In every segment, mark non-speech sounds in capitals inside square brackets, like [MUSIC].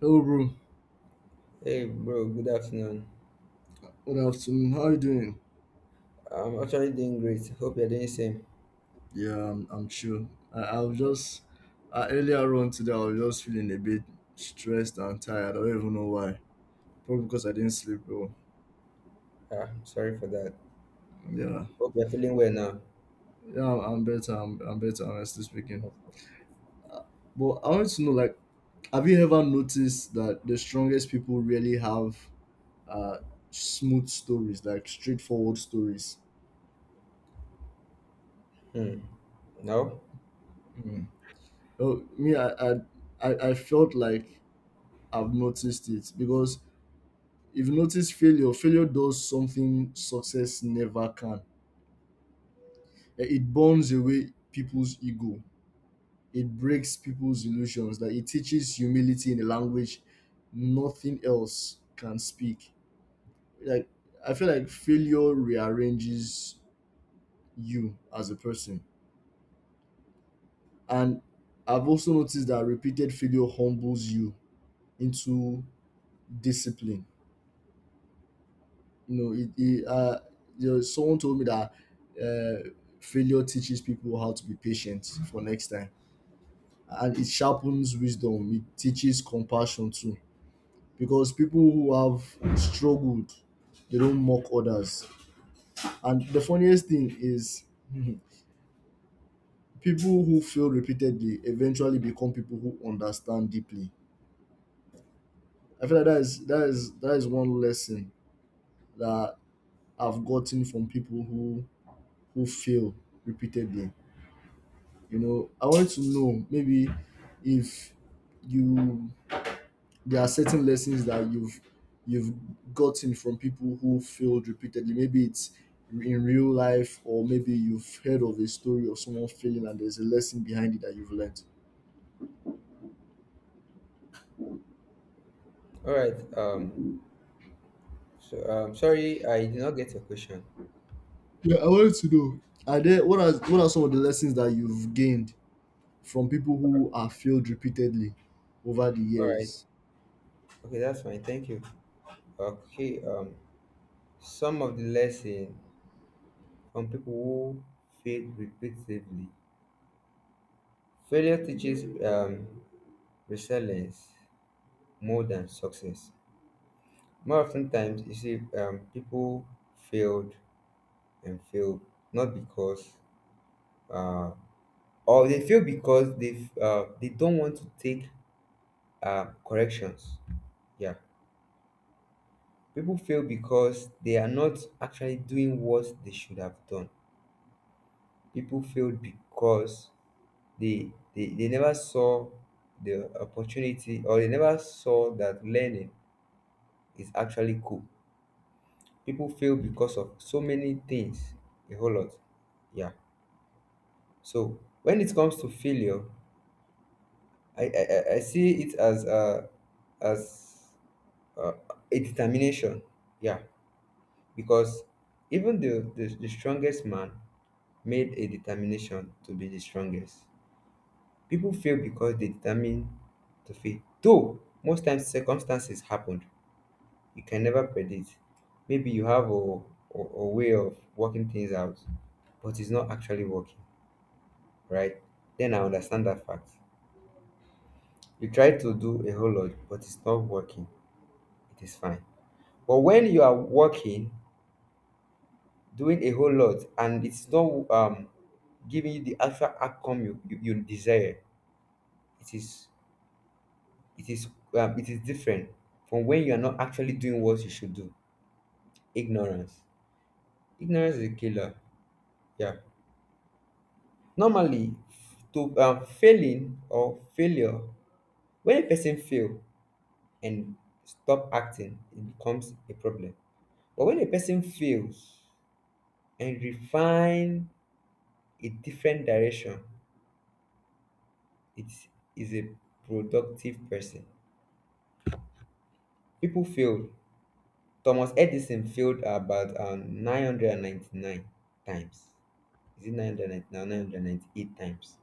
Hello, bro. Hey bro, good afternoon. Good afternoon. How you doing? I'm actually doing great. Hope you're doing same. Yeah, I'm chill. I was just earlier on today. I was just feeling a bit stressed and tired. I don't even know why. Probably because I didn't sleep well. Ah, sorry for that. Yeah, Hope you're feeling well now. yeah. I'm better. I'm better. Honestly speaking. But I want to know, like, have you ever noticed that the strongest people really have uh smooth stories, like straightforward stories? Hmm. No? Mm. Oh, me, I felt like I've noticed it because if you notice failure, failure does something success never can. It burns away people's ego. It breaks people's illusions. That it teaches humility in a language nothing else can speak. Like, I feel like failure rearranges you as a person. And I've also noticed that repeated failure humbles you into discipline. You know, it there was someone told me that uh, failure teaches people how to be patient for next time, and it sharpens wisdom. It teaches compassion too, because people who have struggled, they don't mock others. And the funniest thing is, [LAUGHS] people who fail repeatedly eventually become people who understand deeply. I feel like that is one lesson that I've gotten from people who fail repeatedly. You know, I wanted to know, maybe if you, there are certain lessons that you've gotten from people who failed repeatedly. Maybe it's in real life, or maybe you've heard of a story of someone failing and there's a lesson behind it that you've learned. Alright. So sorry I did not get your question. Yeah, I wanted to know. Are there, what are some of the lessons that you've gained from people who are failed repeatedly over the Alright. years? Okay, that's fine. Thank you. Okay, some of the lesson from people who fail repeatedly. Failure teaches resilience more than success. More often times you see people failed and fail not because uh, or they fail because they don't want to take corrections. Yeah, people fail because they are not actually doing what they should have done. People fail because they never saw the opportunity, or they never saw that learning is actually cool. People fail because of so many things, a whole lot. Yeah. So when it comes to failure, I see it as as a, a determination. Yeah, because even the strongest man made a determination to be the strongest. People fail because they determine to fail. Though most times circumstances happened, you can never predict. Maybe you have a way of working things out, but it's not actually working, right? Then I understand that fact. You try to do a whole lot, but it's not working. It is fine. But when you are working, doing a whole lot, and it's not giving you the actual outcome you desire, it is it is it is different from when you are not actually doing what you should do. Ignorance. Ignorance is a killer. Yeah. Normally, to failing or failure, when a person fail and stop acting, it becomes a problem. But when a person fails and refine a different direction, it is a productive person. People failed. Thomas Edison failed about 999 times. Is it 999 998 times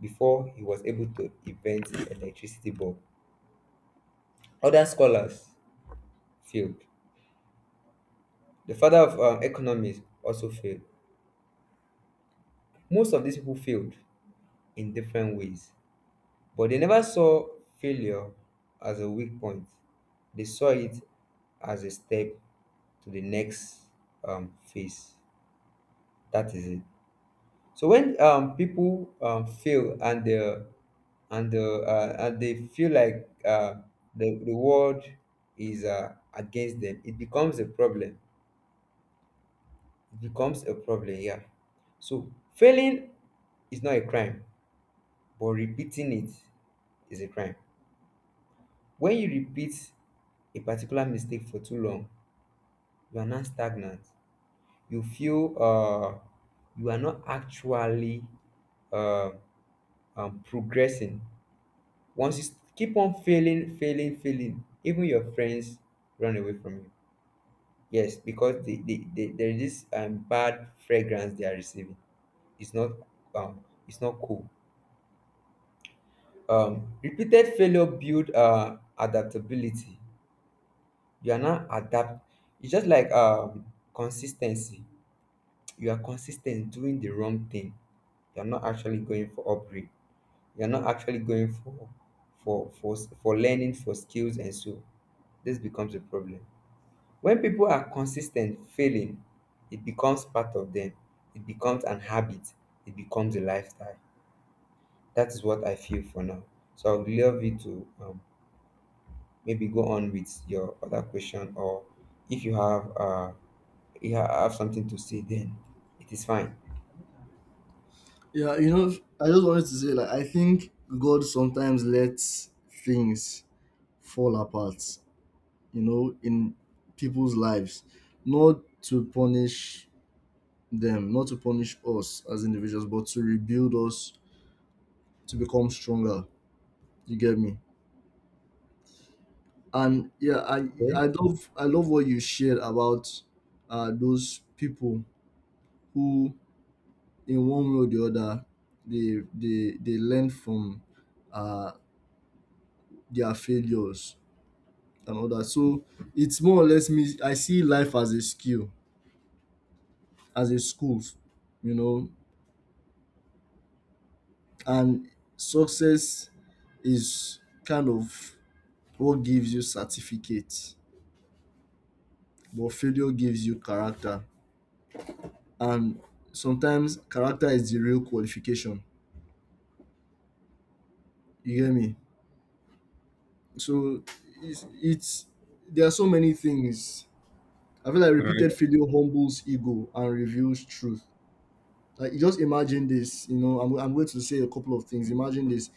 before he was able to invent the electricity bulb? Other scholars failed. The father of economics also failed. Most of these people failed in different ways, but they never saw failure as a weak point. They saw it as a step to the next phase. That is it. So when people fail and they feel like the world is against them, it becomes a problem. It becomes a problem. Yeah. So failing is not a crime, but repeating it is a crime. When you repeat a particular mistake for too long, you are now stagnant. You feel you are not actually uh, progressing. Once you keep on failing, failing, failing, even your friends run away from you. Yes, because there is this bad fragrance they are receiving. It's not it's not cool. Repeated failure build adaptability. You are not adapt. It's just like consistency. You are consistent doing the wrong thing. You are not actually going for upgrade. You're not actually going for for for learning for skills, and so this becomes a problem. When people are consistent failing, it becomes part of them. It becomes an habit. It becomes a lifestyle. That is what I feel for now. So I would love you to maybe go on with your other question, or if you have have something to say, then it is fine. Yeah, you know, I just wanted to say, like, I think God sometimes lets things fall apart, you know, in people's lives, not to punish them, not to punish us as individuals, but to rebuild us to become stronger. You get me? And yeah, I Okay. I love what you shared about those people who in one way or the other they learn from uh their failures and all that. So it's more or less, me, I see life as a skill, as a school, you know. And success is kind of what gives you certificate, but failure gives you character, and sometimes character is the real qualification. You get me? So it's there are so many things. I feel like repeated failure humbles ego and reveals truth. Like, you just imagine this, you know, I'm going to say a couple of things. Imagine this: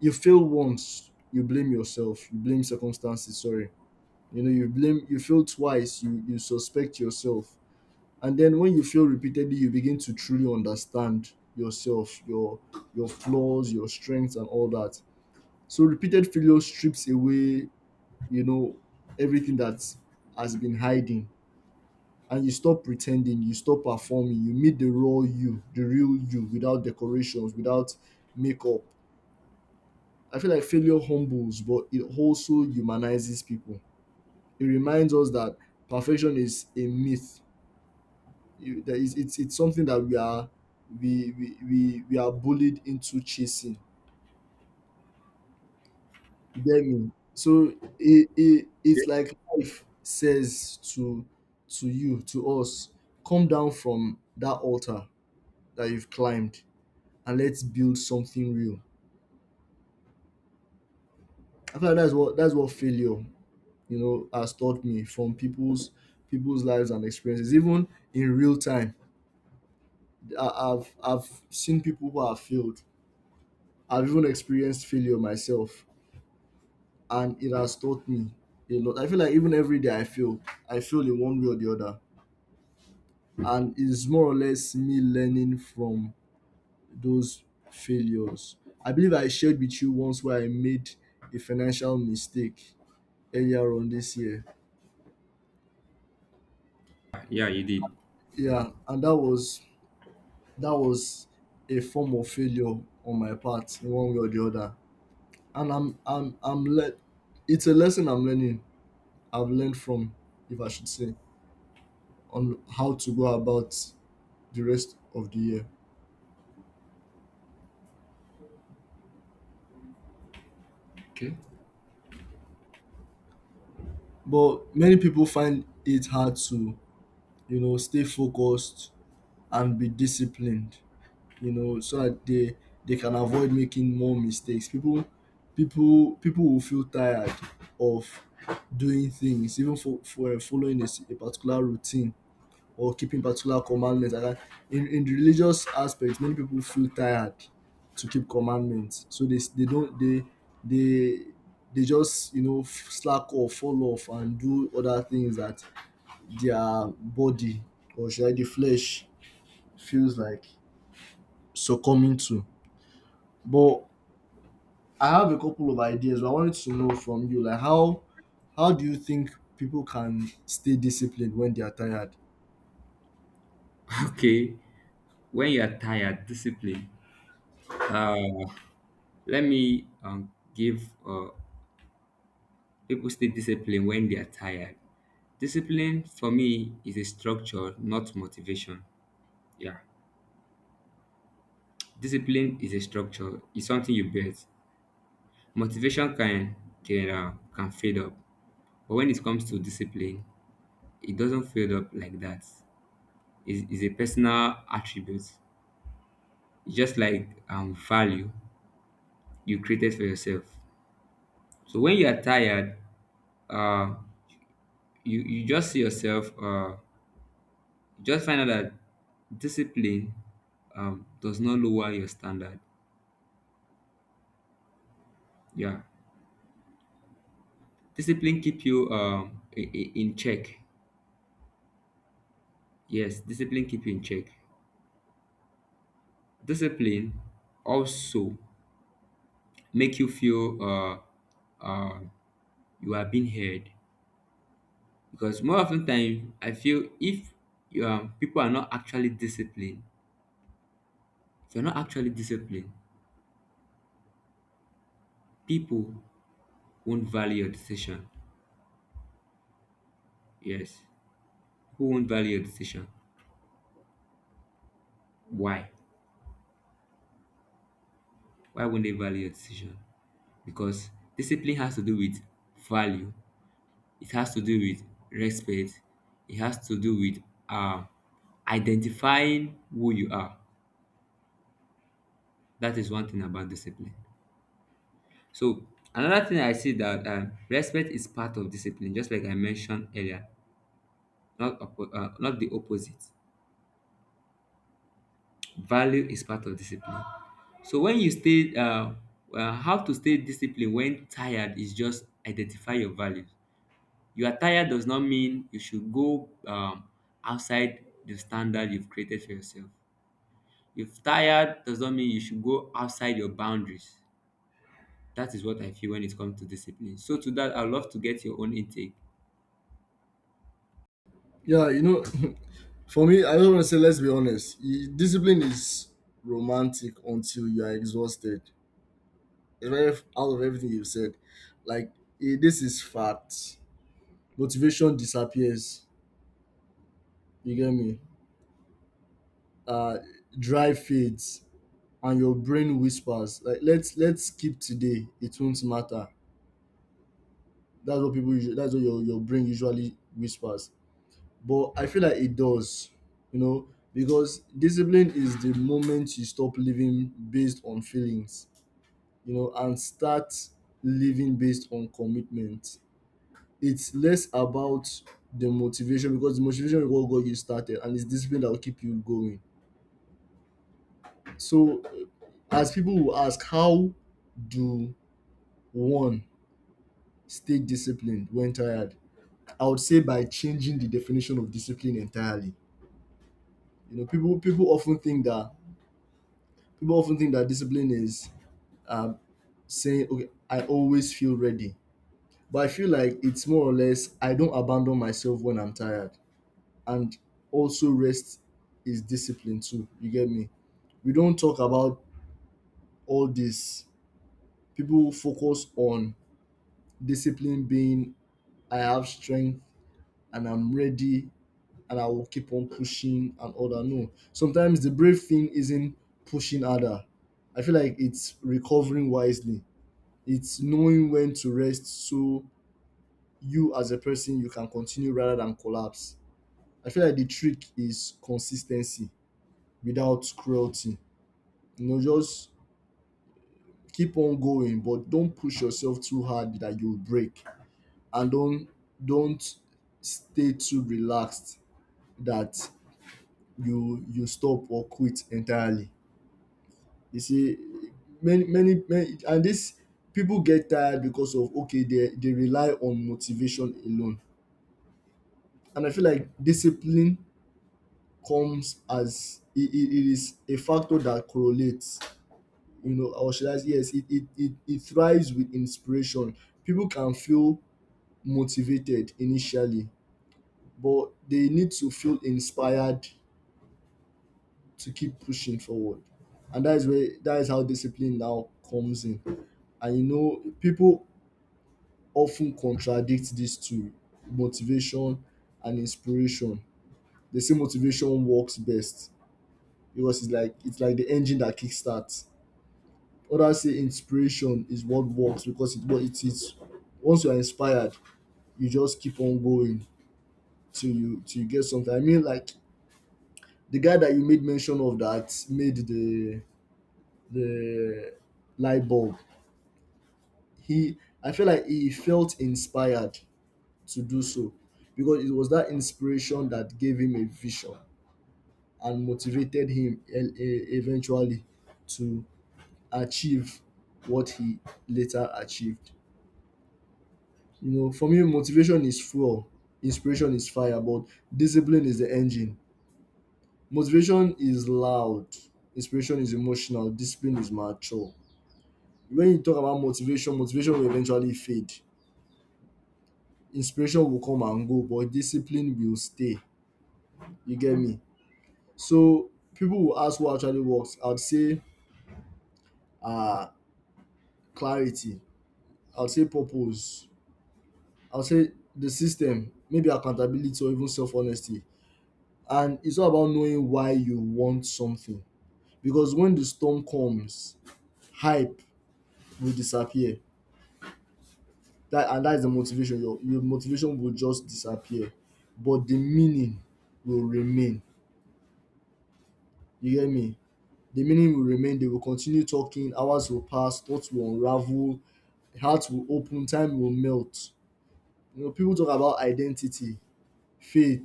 you fail once, you blame yourself, you blame circumstances. Sorry. You know, you blame, you fail twice, you suspect yourself. And then when you fail repeatedly, you begin to truly understand yourself, your flaws, your strengths, and all that. So repeated failure strips away, you know, everything that has been hiding. And you stop pretending, you stop performing, you meet the raw you, the real you, without decorations, without makeup. I feel like failure humbles, but it also humanizes people. It reminds us that perfection is a myth. You, there is, it's something that we are we are bullied into chasing. You get me? So it's like life says to you, to us, come down from that altar that you've climbed, and let's build something real. I feel like that's what failure, you know, has taught me from people's lives and experiences. Even in real time, I've seen people who have failed, I've even experienced failure myself, and it has taught me a lot. I feel like even every day I feel in one way or the other, and it's more or less me learning from those failures. I believe I shared with you once where I made a financial mistake earlier on this year. Yeah, you did. Yeah, and that was a form of failure on my part in one way or the other. And I'm let, it's a lesson I'm learning. I've learned from, if I should say, on how to go about the rest of the year. Okay. But many people find it hard to, you know, stay focused and be disciplined, you know, so that they can avoid making more mistakes. People will feel tired of doing things, even for following a, a particular routine or keeping particular commandments. And I- in religious aspect, many people feel tired to keep commandments. So they don't, they, they just, you know, slack or fall off and do other things that their body, or should I, the flesh feels like succumbing to. But I have a couple of ideas. But I wanted to know from you, like, how do you think people can stay disciplined when they are tired? [LAUGHS] Okay. When you are tired, discipline. Uh, Let me give people stay disciplined when they are tired. Discipline for me is a structure, not motivation. Yeah, discipline is a structure. It's something you build. Motivation can fade up, but when it comes to discipline, it doesn't fade up like that. It's a personal attribute. It's just like value you created for yourself. So when you are tired, uh, you you just see yourself just find out that discipline does not lower your standard. Yeah, discipline keep you in check. Yes, discipline keep you in check. Discipline also make you feel uh, you are being heard, because more often time I feel if people are not actually disciplined, if you're not actually disciplined, people won't value your decision. Yes, who won't value your decision? Why? Why won't they value your decision? Because discipline has to do with value, it has to do with respect, it has to do with um, identifying who you are. That is one thing about discipline. So another thing I see that respect is part of discipline, just like I mentioned earlier, not not the opposite. Value is part of discipline. So when you how to stay disciplined when tired is just identify your values. You are tired does not mean you should go outside the standard you've created for yourself. If tired does not mean you should go outside your boundaries. That is what I feel when it comes to discipline. So to that, I'd love to get your own intake. Yeah, you know, [LAUGHS] for me, I just want to say, let's be honest. Discipline is romantic until you are exhausted. It's out of everything you've said, like, this is fact. Motivation disappears. You get me? Uh, Drive fades, and your brain whispers like, "Let's skip today. It won't matter." That's what people. Usually, that's what your brain usually whispers. But I feel like it does, you know, because discipline is the moment you stop living based on feelings, you know, and start living based on commitment. It's less about the motivation, because the motivation will what got you started, and it's discipline that will keep you going. So, as people will ask, how do one stay disciplined when tired? I would say by changing the definition of discipline entirely. You know, people often think that people often think that discipline is um, saying, okay, I always feel ready. But I feel like it's more or less, I don't abandon myself when I'm tired. And also, rest is discipline too. You get me? We don't talk about all this. People focus on discipline being, I have strength and I'm ready and I will keep on pushing and all that. No. Sometimes the brave thing isn't pushing harder. I feel like it's recovering wisely, it's knowing when to rest, so you as a person you can continue rather than collapse. I feel like the trick is consistency without cruelty. You know, just keep on going, but don't push yourself too hard that you'll break. And don't stay too relaxed that you stop or quit entirely. You see, many many, many and this people get tired because of, okay, they rely on motivation alone. And I feel like discipline comes as it is a factor that correlates, you know, or should I say, yes, it thrives with inspiration. People can feel motivated initially, but they need to feel inspired to keep pushing forward. And that is how discipline now comes in. And you know, people often contradict these two, motivation and inspiration. They say motivation works best because it's like the engine that kickstarts. Others say inspiration is what works because it what it is. Once you are inspired, you just keep on going till you get something. I mean, like, the guy that you made mention of that made the light bulb. He, I feel like he felt inspired to do so, because it was that inspiration that gave him a vision and motivated him, eventually, to achieve what he later achieved. You know, for me, motivation is fuel, inspiration is fire, but discipline is the engine. Motivation is loud, inspiration is emotional, discipline is mature. When you talk about motivation, motivation will eventually fade. Inspiration will come and go, but discipline will stay. You get me? So people will ask what actually works. I'd say uh clarity. I'd say purpose. I'll say the system, maybe accountability, or even self honesty. And it's all about knowing why you want something. Because when the storm comes, hype will disappear. That, and that's the motivation. Your motivation will just disappear. But the meaning will remain. You get me? The meaning will remain. They will continue talking. Hours will pass. Thoughts will unravel. Hearts will open. Time will melt. You know, people talk about identity, faith,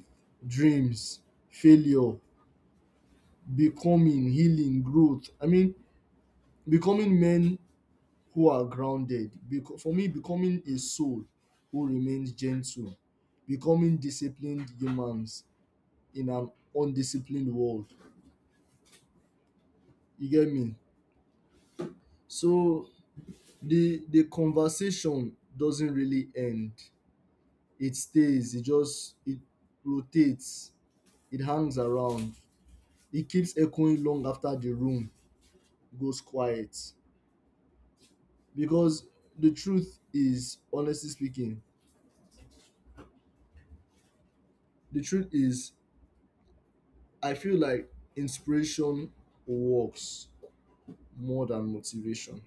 dreams, failure, becoming, healing, growth. I mean, becoming men who are grounded. For me, becoming a soul who remains gentle, becoming disciplined humans in an undisciplined world. You get me? So the conversation doesn't really end. It stays. It just it rotates. It hangs around. It keeps echoing long after the room goes quiet. Because the truth is, honestly speaking, the truth is, I feel like inspiration works more than motivation.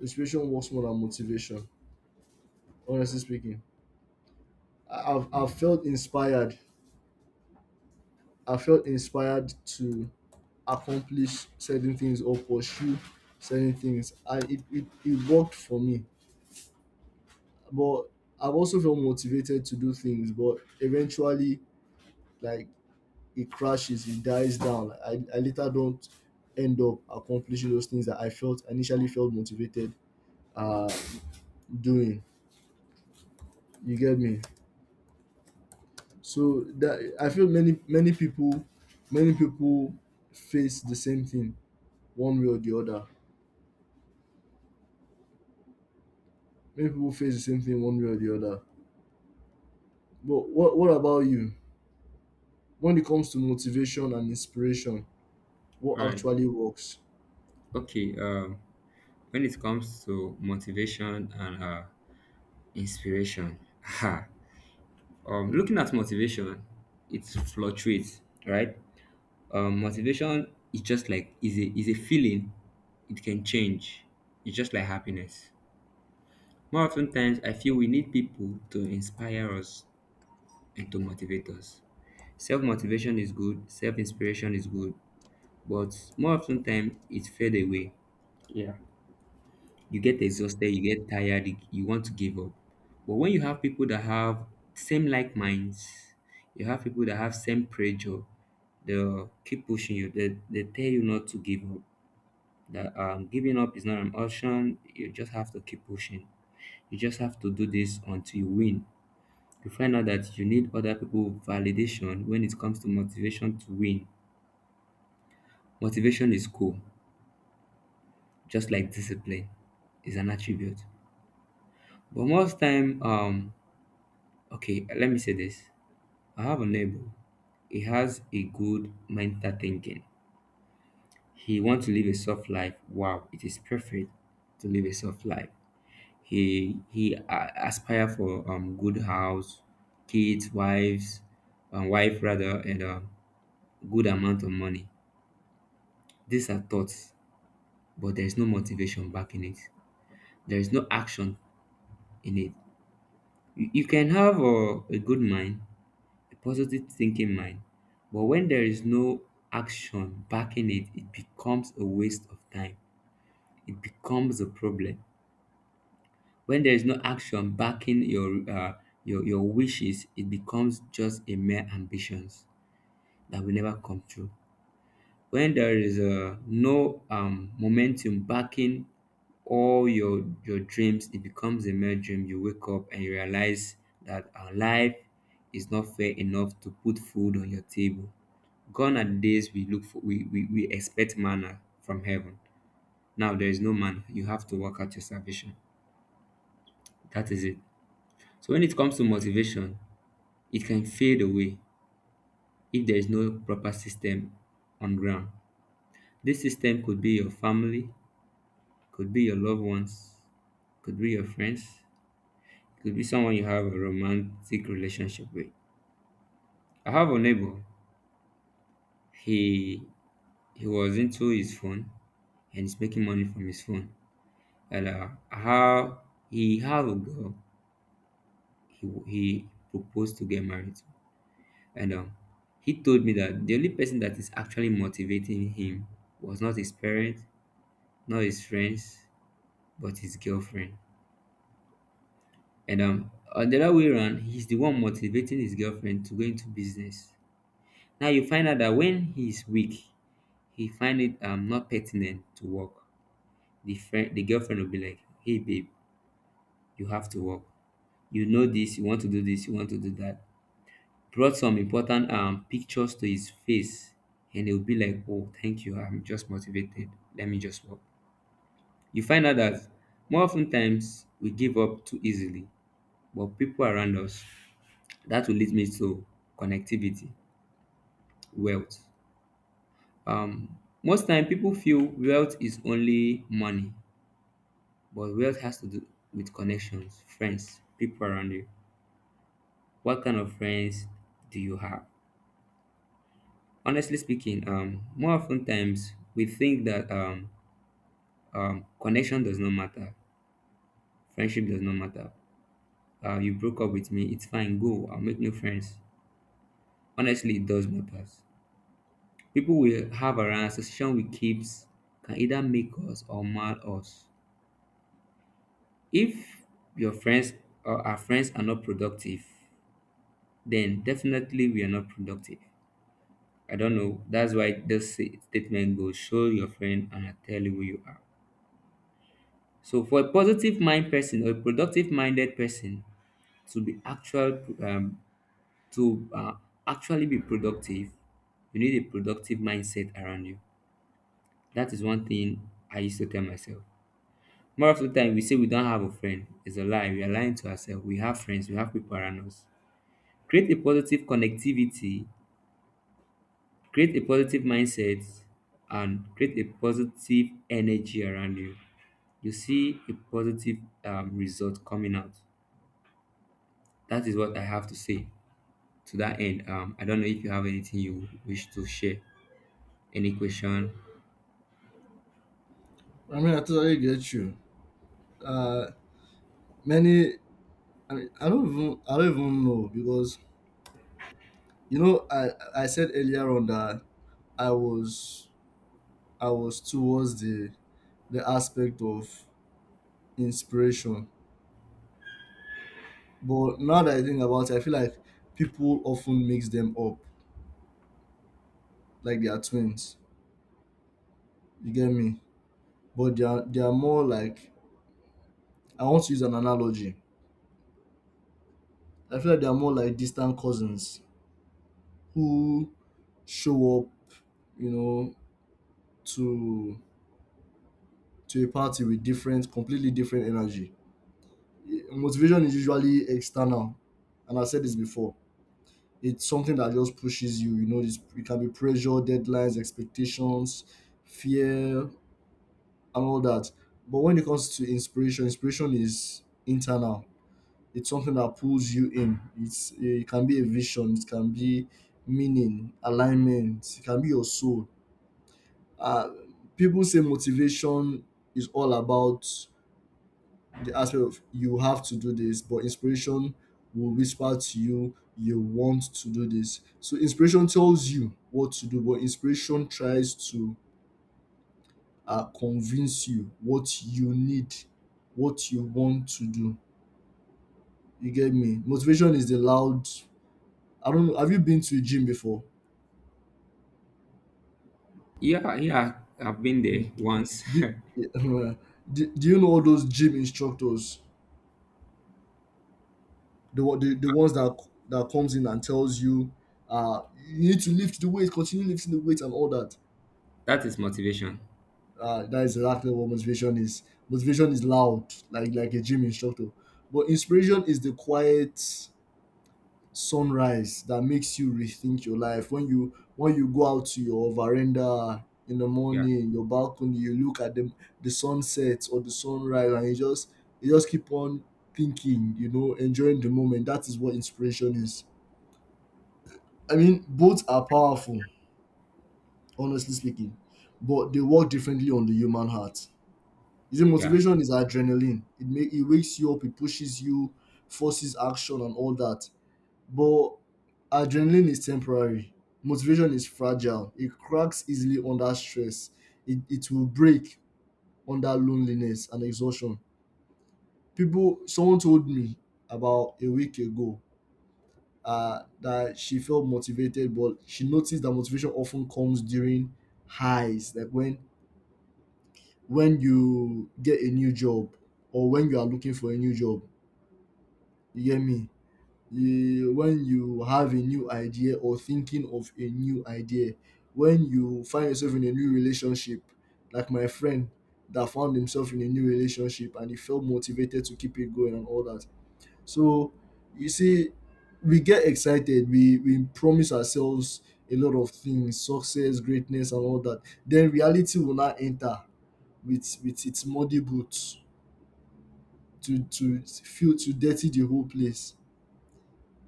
Inspiration works more than motivation. Honestly speaking, I've felt inspired. I felt inspired to accomplish certain things or pursue certain things. It worked for me. But I've also felt motivated to do things, but eventually, like, it crashes, it dies down. I later don't end up accomplishing those things that I felt initially felt motivated uh doing. You get me? So that I feel many people, many people face the same thing one way or the other. Many people face the same thing one way or the other. But what about you? When it comes to motivation and inspiration, All what right. actually works? Okay. When it comes to motivation and inspiration, [LAUGHS] ha, looking at motivation, it fluctuates, right? Motivation is just like is a feeling. It can change. It's just like happiness. More often times, I feel we need people to inspire us and to motivate us. Self motivation is good, self inspiration is good, but more often time it fade away. Yeah. You get exhausted, you get tired, you want to give up. But when you have people that have same like minds, you have people that have same pressure, they'll keep pushing you. They tell you not to give up. That giving up is not an option. You just have to keep pushing. You just have to do this until you win. You find out that you need other people validation when it comes to motivation to win. Motivation is cool, just like discipline is an attribute. But most time, okay, let me say this. I have a neighbor. He has a good mental thinking. He wants to live a soft life. Wow, it is perfect to live a soft life. He aspire for good house, kids, wives, wife rather, and a good amount of money. These are thoughts, but there is no motivation back in it. There is no action in it. You can have a good mind, a positive thinking mind, but when there is no action backing it, it becomes a waste of time. It becomes a problem. When there is no action backing your your wishes, it becomes just a mere ambitions that will never come true. When there is no momentum backing all your dreams, it becomes a mere dream. You wake up and you realize that our life is not fair enough to put food on your table. Gone are the days we look for, we expect manna from heaven. Now there is no manna, you have to work out your salvation. That is it. So when it comes to motivation, it can fade away if there is no proper system on ground. This system could be your family, could be your loved ones, could be your friends, could be someone you have a romantic relationship with. I have a neighbor. He he was into his phone, and he's making money from his phone. And how he had a girl he proposed to get married to. And he told me that the only person that is actually motivating him was not his parents, not his friends, but his girlfriend. And on the other way around, he's the one motivating his girlfriend to go into business. Now you find out that when he's weak, he find it not pertinent to work. The friend, the girlfriend will be like, "Hey babe, you have to work. You know this. You want to do this. You want to do that." Brought some important pictures to his face, and he'll be like, "Oh, thank you. I'm just motivated. Let me just work." You find out that more often times we give up too easily, but people around us. That will lead me to connectivity, wealth. Most time people feel wealth is only money, but wealth has to do with connections, friends, people around you. What kind of friends do you have? Honestly speaking, more often times we think that connection does not matter, friendship does not matter. You broke up with me, it's fine, go, I'll make new friends. Honestly, it does matter. People we have around, association we keeps can either make us or mar us. If your friends or our friends are not productive, then definitely we are not productive. I don't know. That's why this statement goes show your friend and I tell you who you are. So for a positive mind person or a productive minded person to be to uh, actually be productive, you need a productive mindset around you. That is one thing I used to tell myself. More of the time, we say we don't have a friend. It's a lie. We are lying to ourselves. We have friends. We have people around us. Create a positive connectivity, create a positive mindset, and create a positive energy around you. You see a positive result coming out. That is what I have to say to that end. I don't know if you have anything you wish to share, any question. I mean, I totally get you. Uh, Many. I mean, I don't even. I don't even know because, you know, I said earlier on that I was I was towards the aspect of inspiration, but now that I think about it, I feel like people often mix them up like they are twins. You get me? But they are more like, I want to use an analogy. I feel like they are more like distant cousins who show up, you know, to to a party with different, completely different energy. Motivation is usually external, and I said this before. It's something that just pushes you, you know. It can be pressure, deadlines, expectations, fear, and all that. But when it comes to inspiration, inspiration is internal. It's something that pulls you in. It can be a vision, it can be meaning, alignment, it can be your soul. uh, People say motivation is all about the aspect of you have to do this, but inspiration will whisper to you, you want to do this. So inspiration tells you what to do, but inspiration tries to convince you what you need, what you want to do. You get me? Motivation is the loud. I don't know. Have you been to a gym before? Yeah, yeah, I've been Hmm. there once. [LAUGHS] Do, yeah, [LAUGHS] do, you know all those gym instructors? The, the, ones that that comes in and tells you, you need to lift the weight, continue lifting the weight and all that. That is motivation. That is exactly what motivation is. Motivation is loud, like a gym instructor. But inspiration is the quiet sunrise that makes you rethink your life. When you go out to your veranda in the Yeah, morning, your balcony, you look at the sunset or the sunrise, and you just, you just keep on thinking, you know, enjoying the moment. That is what inspiration is. I mean, both are powerful, honestly speaking, but they work differently on the human heart. You see, yeah, motivation is adrenaline. It wakes you up, it pushes you, forces action and all that. But adrenaline is temporary. Motivation is fragile. It cracks easily under stress. It will break under loneliness and exhaustion. People, someone told me about a week ago that she felt motivated, but she noticed that motivation often comes during highs, like when you get a new job or when you are looking for a new job. You get me? You, when you have a new idea or thinking of a new idea, when you find yourself in a new relationship, like my friend that found himself in a new relationship and he felt motivated to keep it going and all that. So you see, we get excited, we promise ourselves a lot of things, success, greatness, and all that. Then reality will not enter with its muddy boots to dirty the whole place.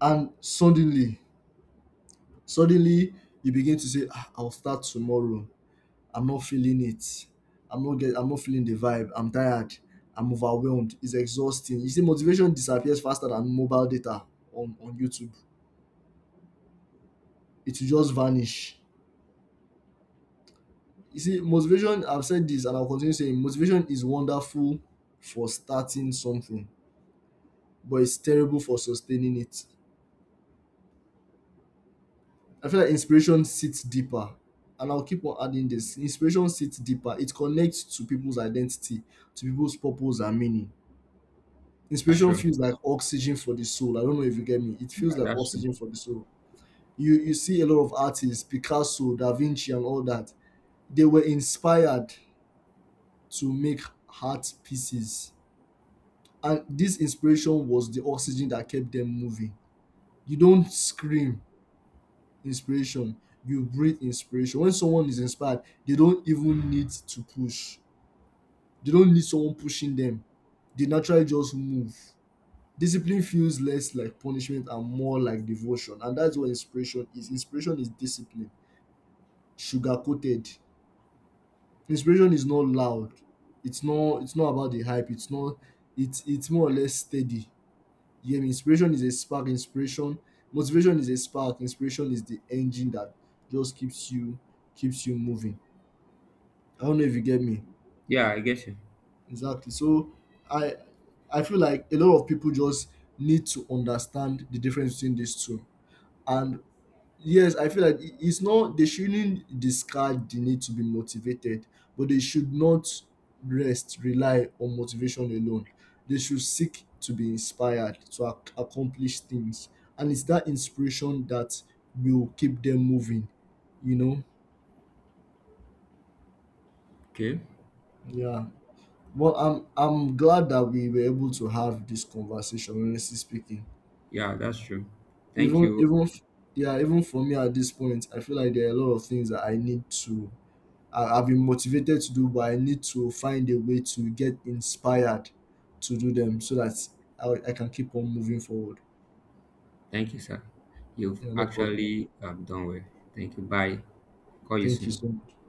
And suddenly you begin to say, ah, I'll start tomorrow. I'm not feeling it. I'm not feeling the vibe. I'm tired. I'm overwhelmed. It's exhausting. You see, motivation disappears faster than mobile data on, YouTube. It will just vanish. You see, motivation, I've said this and I'll continue saying motivation is wonderful for starting something, but it's terrible for sustaining it. I feel like inspiration sits deeper, and I'll keep on adding this. Inspiration sits deeper. It connects to people's identity, to people's purpose and meaning. that's Inspiration true. feels like oxygen for the soul. I don't know if you get me. It feels like That's true. oxygen for the soul. You see a lot of artists, Picasso, Da Vinci, and all that. They were inspired to make art pieces, and this inspiration was the oxygen that kept them moving. You don't scream inspiration, you breathe inspiration. When someone is inspired, they don't even need to push. They don't need someone pushing them. They naturally just move. Discipline feels less like punishment and more like devotion. And that's what inspiration is. Inspiration is discipline, sugar coated. Inspiration is not loud. It's not, it's not about the hype. It's not, it's more or less steady. Yeah, inspiration is a spark. Inspiration Motivation is a spark. Inspiration is the engine that just keeps you moving. I don't know if you get me. Yeah, I get you. Exactly. So I I feel like a lot of people just need to understand the difference between these two. And yes, I feel like it's not they shouldn't discard the need to be motivated, but they should not rely on motivation alone. They should seek to be inspired to accomplish things. And it's that inspiration that will keep them moving, you know? Okay. Yeah. Well, I'm glad that we were able to have this conversation. Honestly speaking, Yeah, that's true. Thank even you. even f- yeah, even for me at this point, I feel like there are a lot of things that I need to. I've been motivated to do, but I need to find a way to get inspired to do them so that I can keep on moving forward. Thank you, sir. You've Yeah, no problem. actually done well. Thank you. Bye. Call you Thank you soon. so much.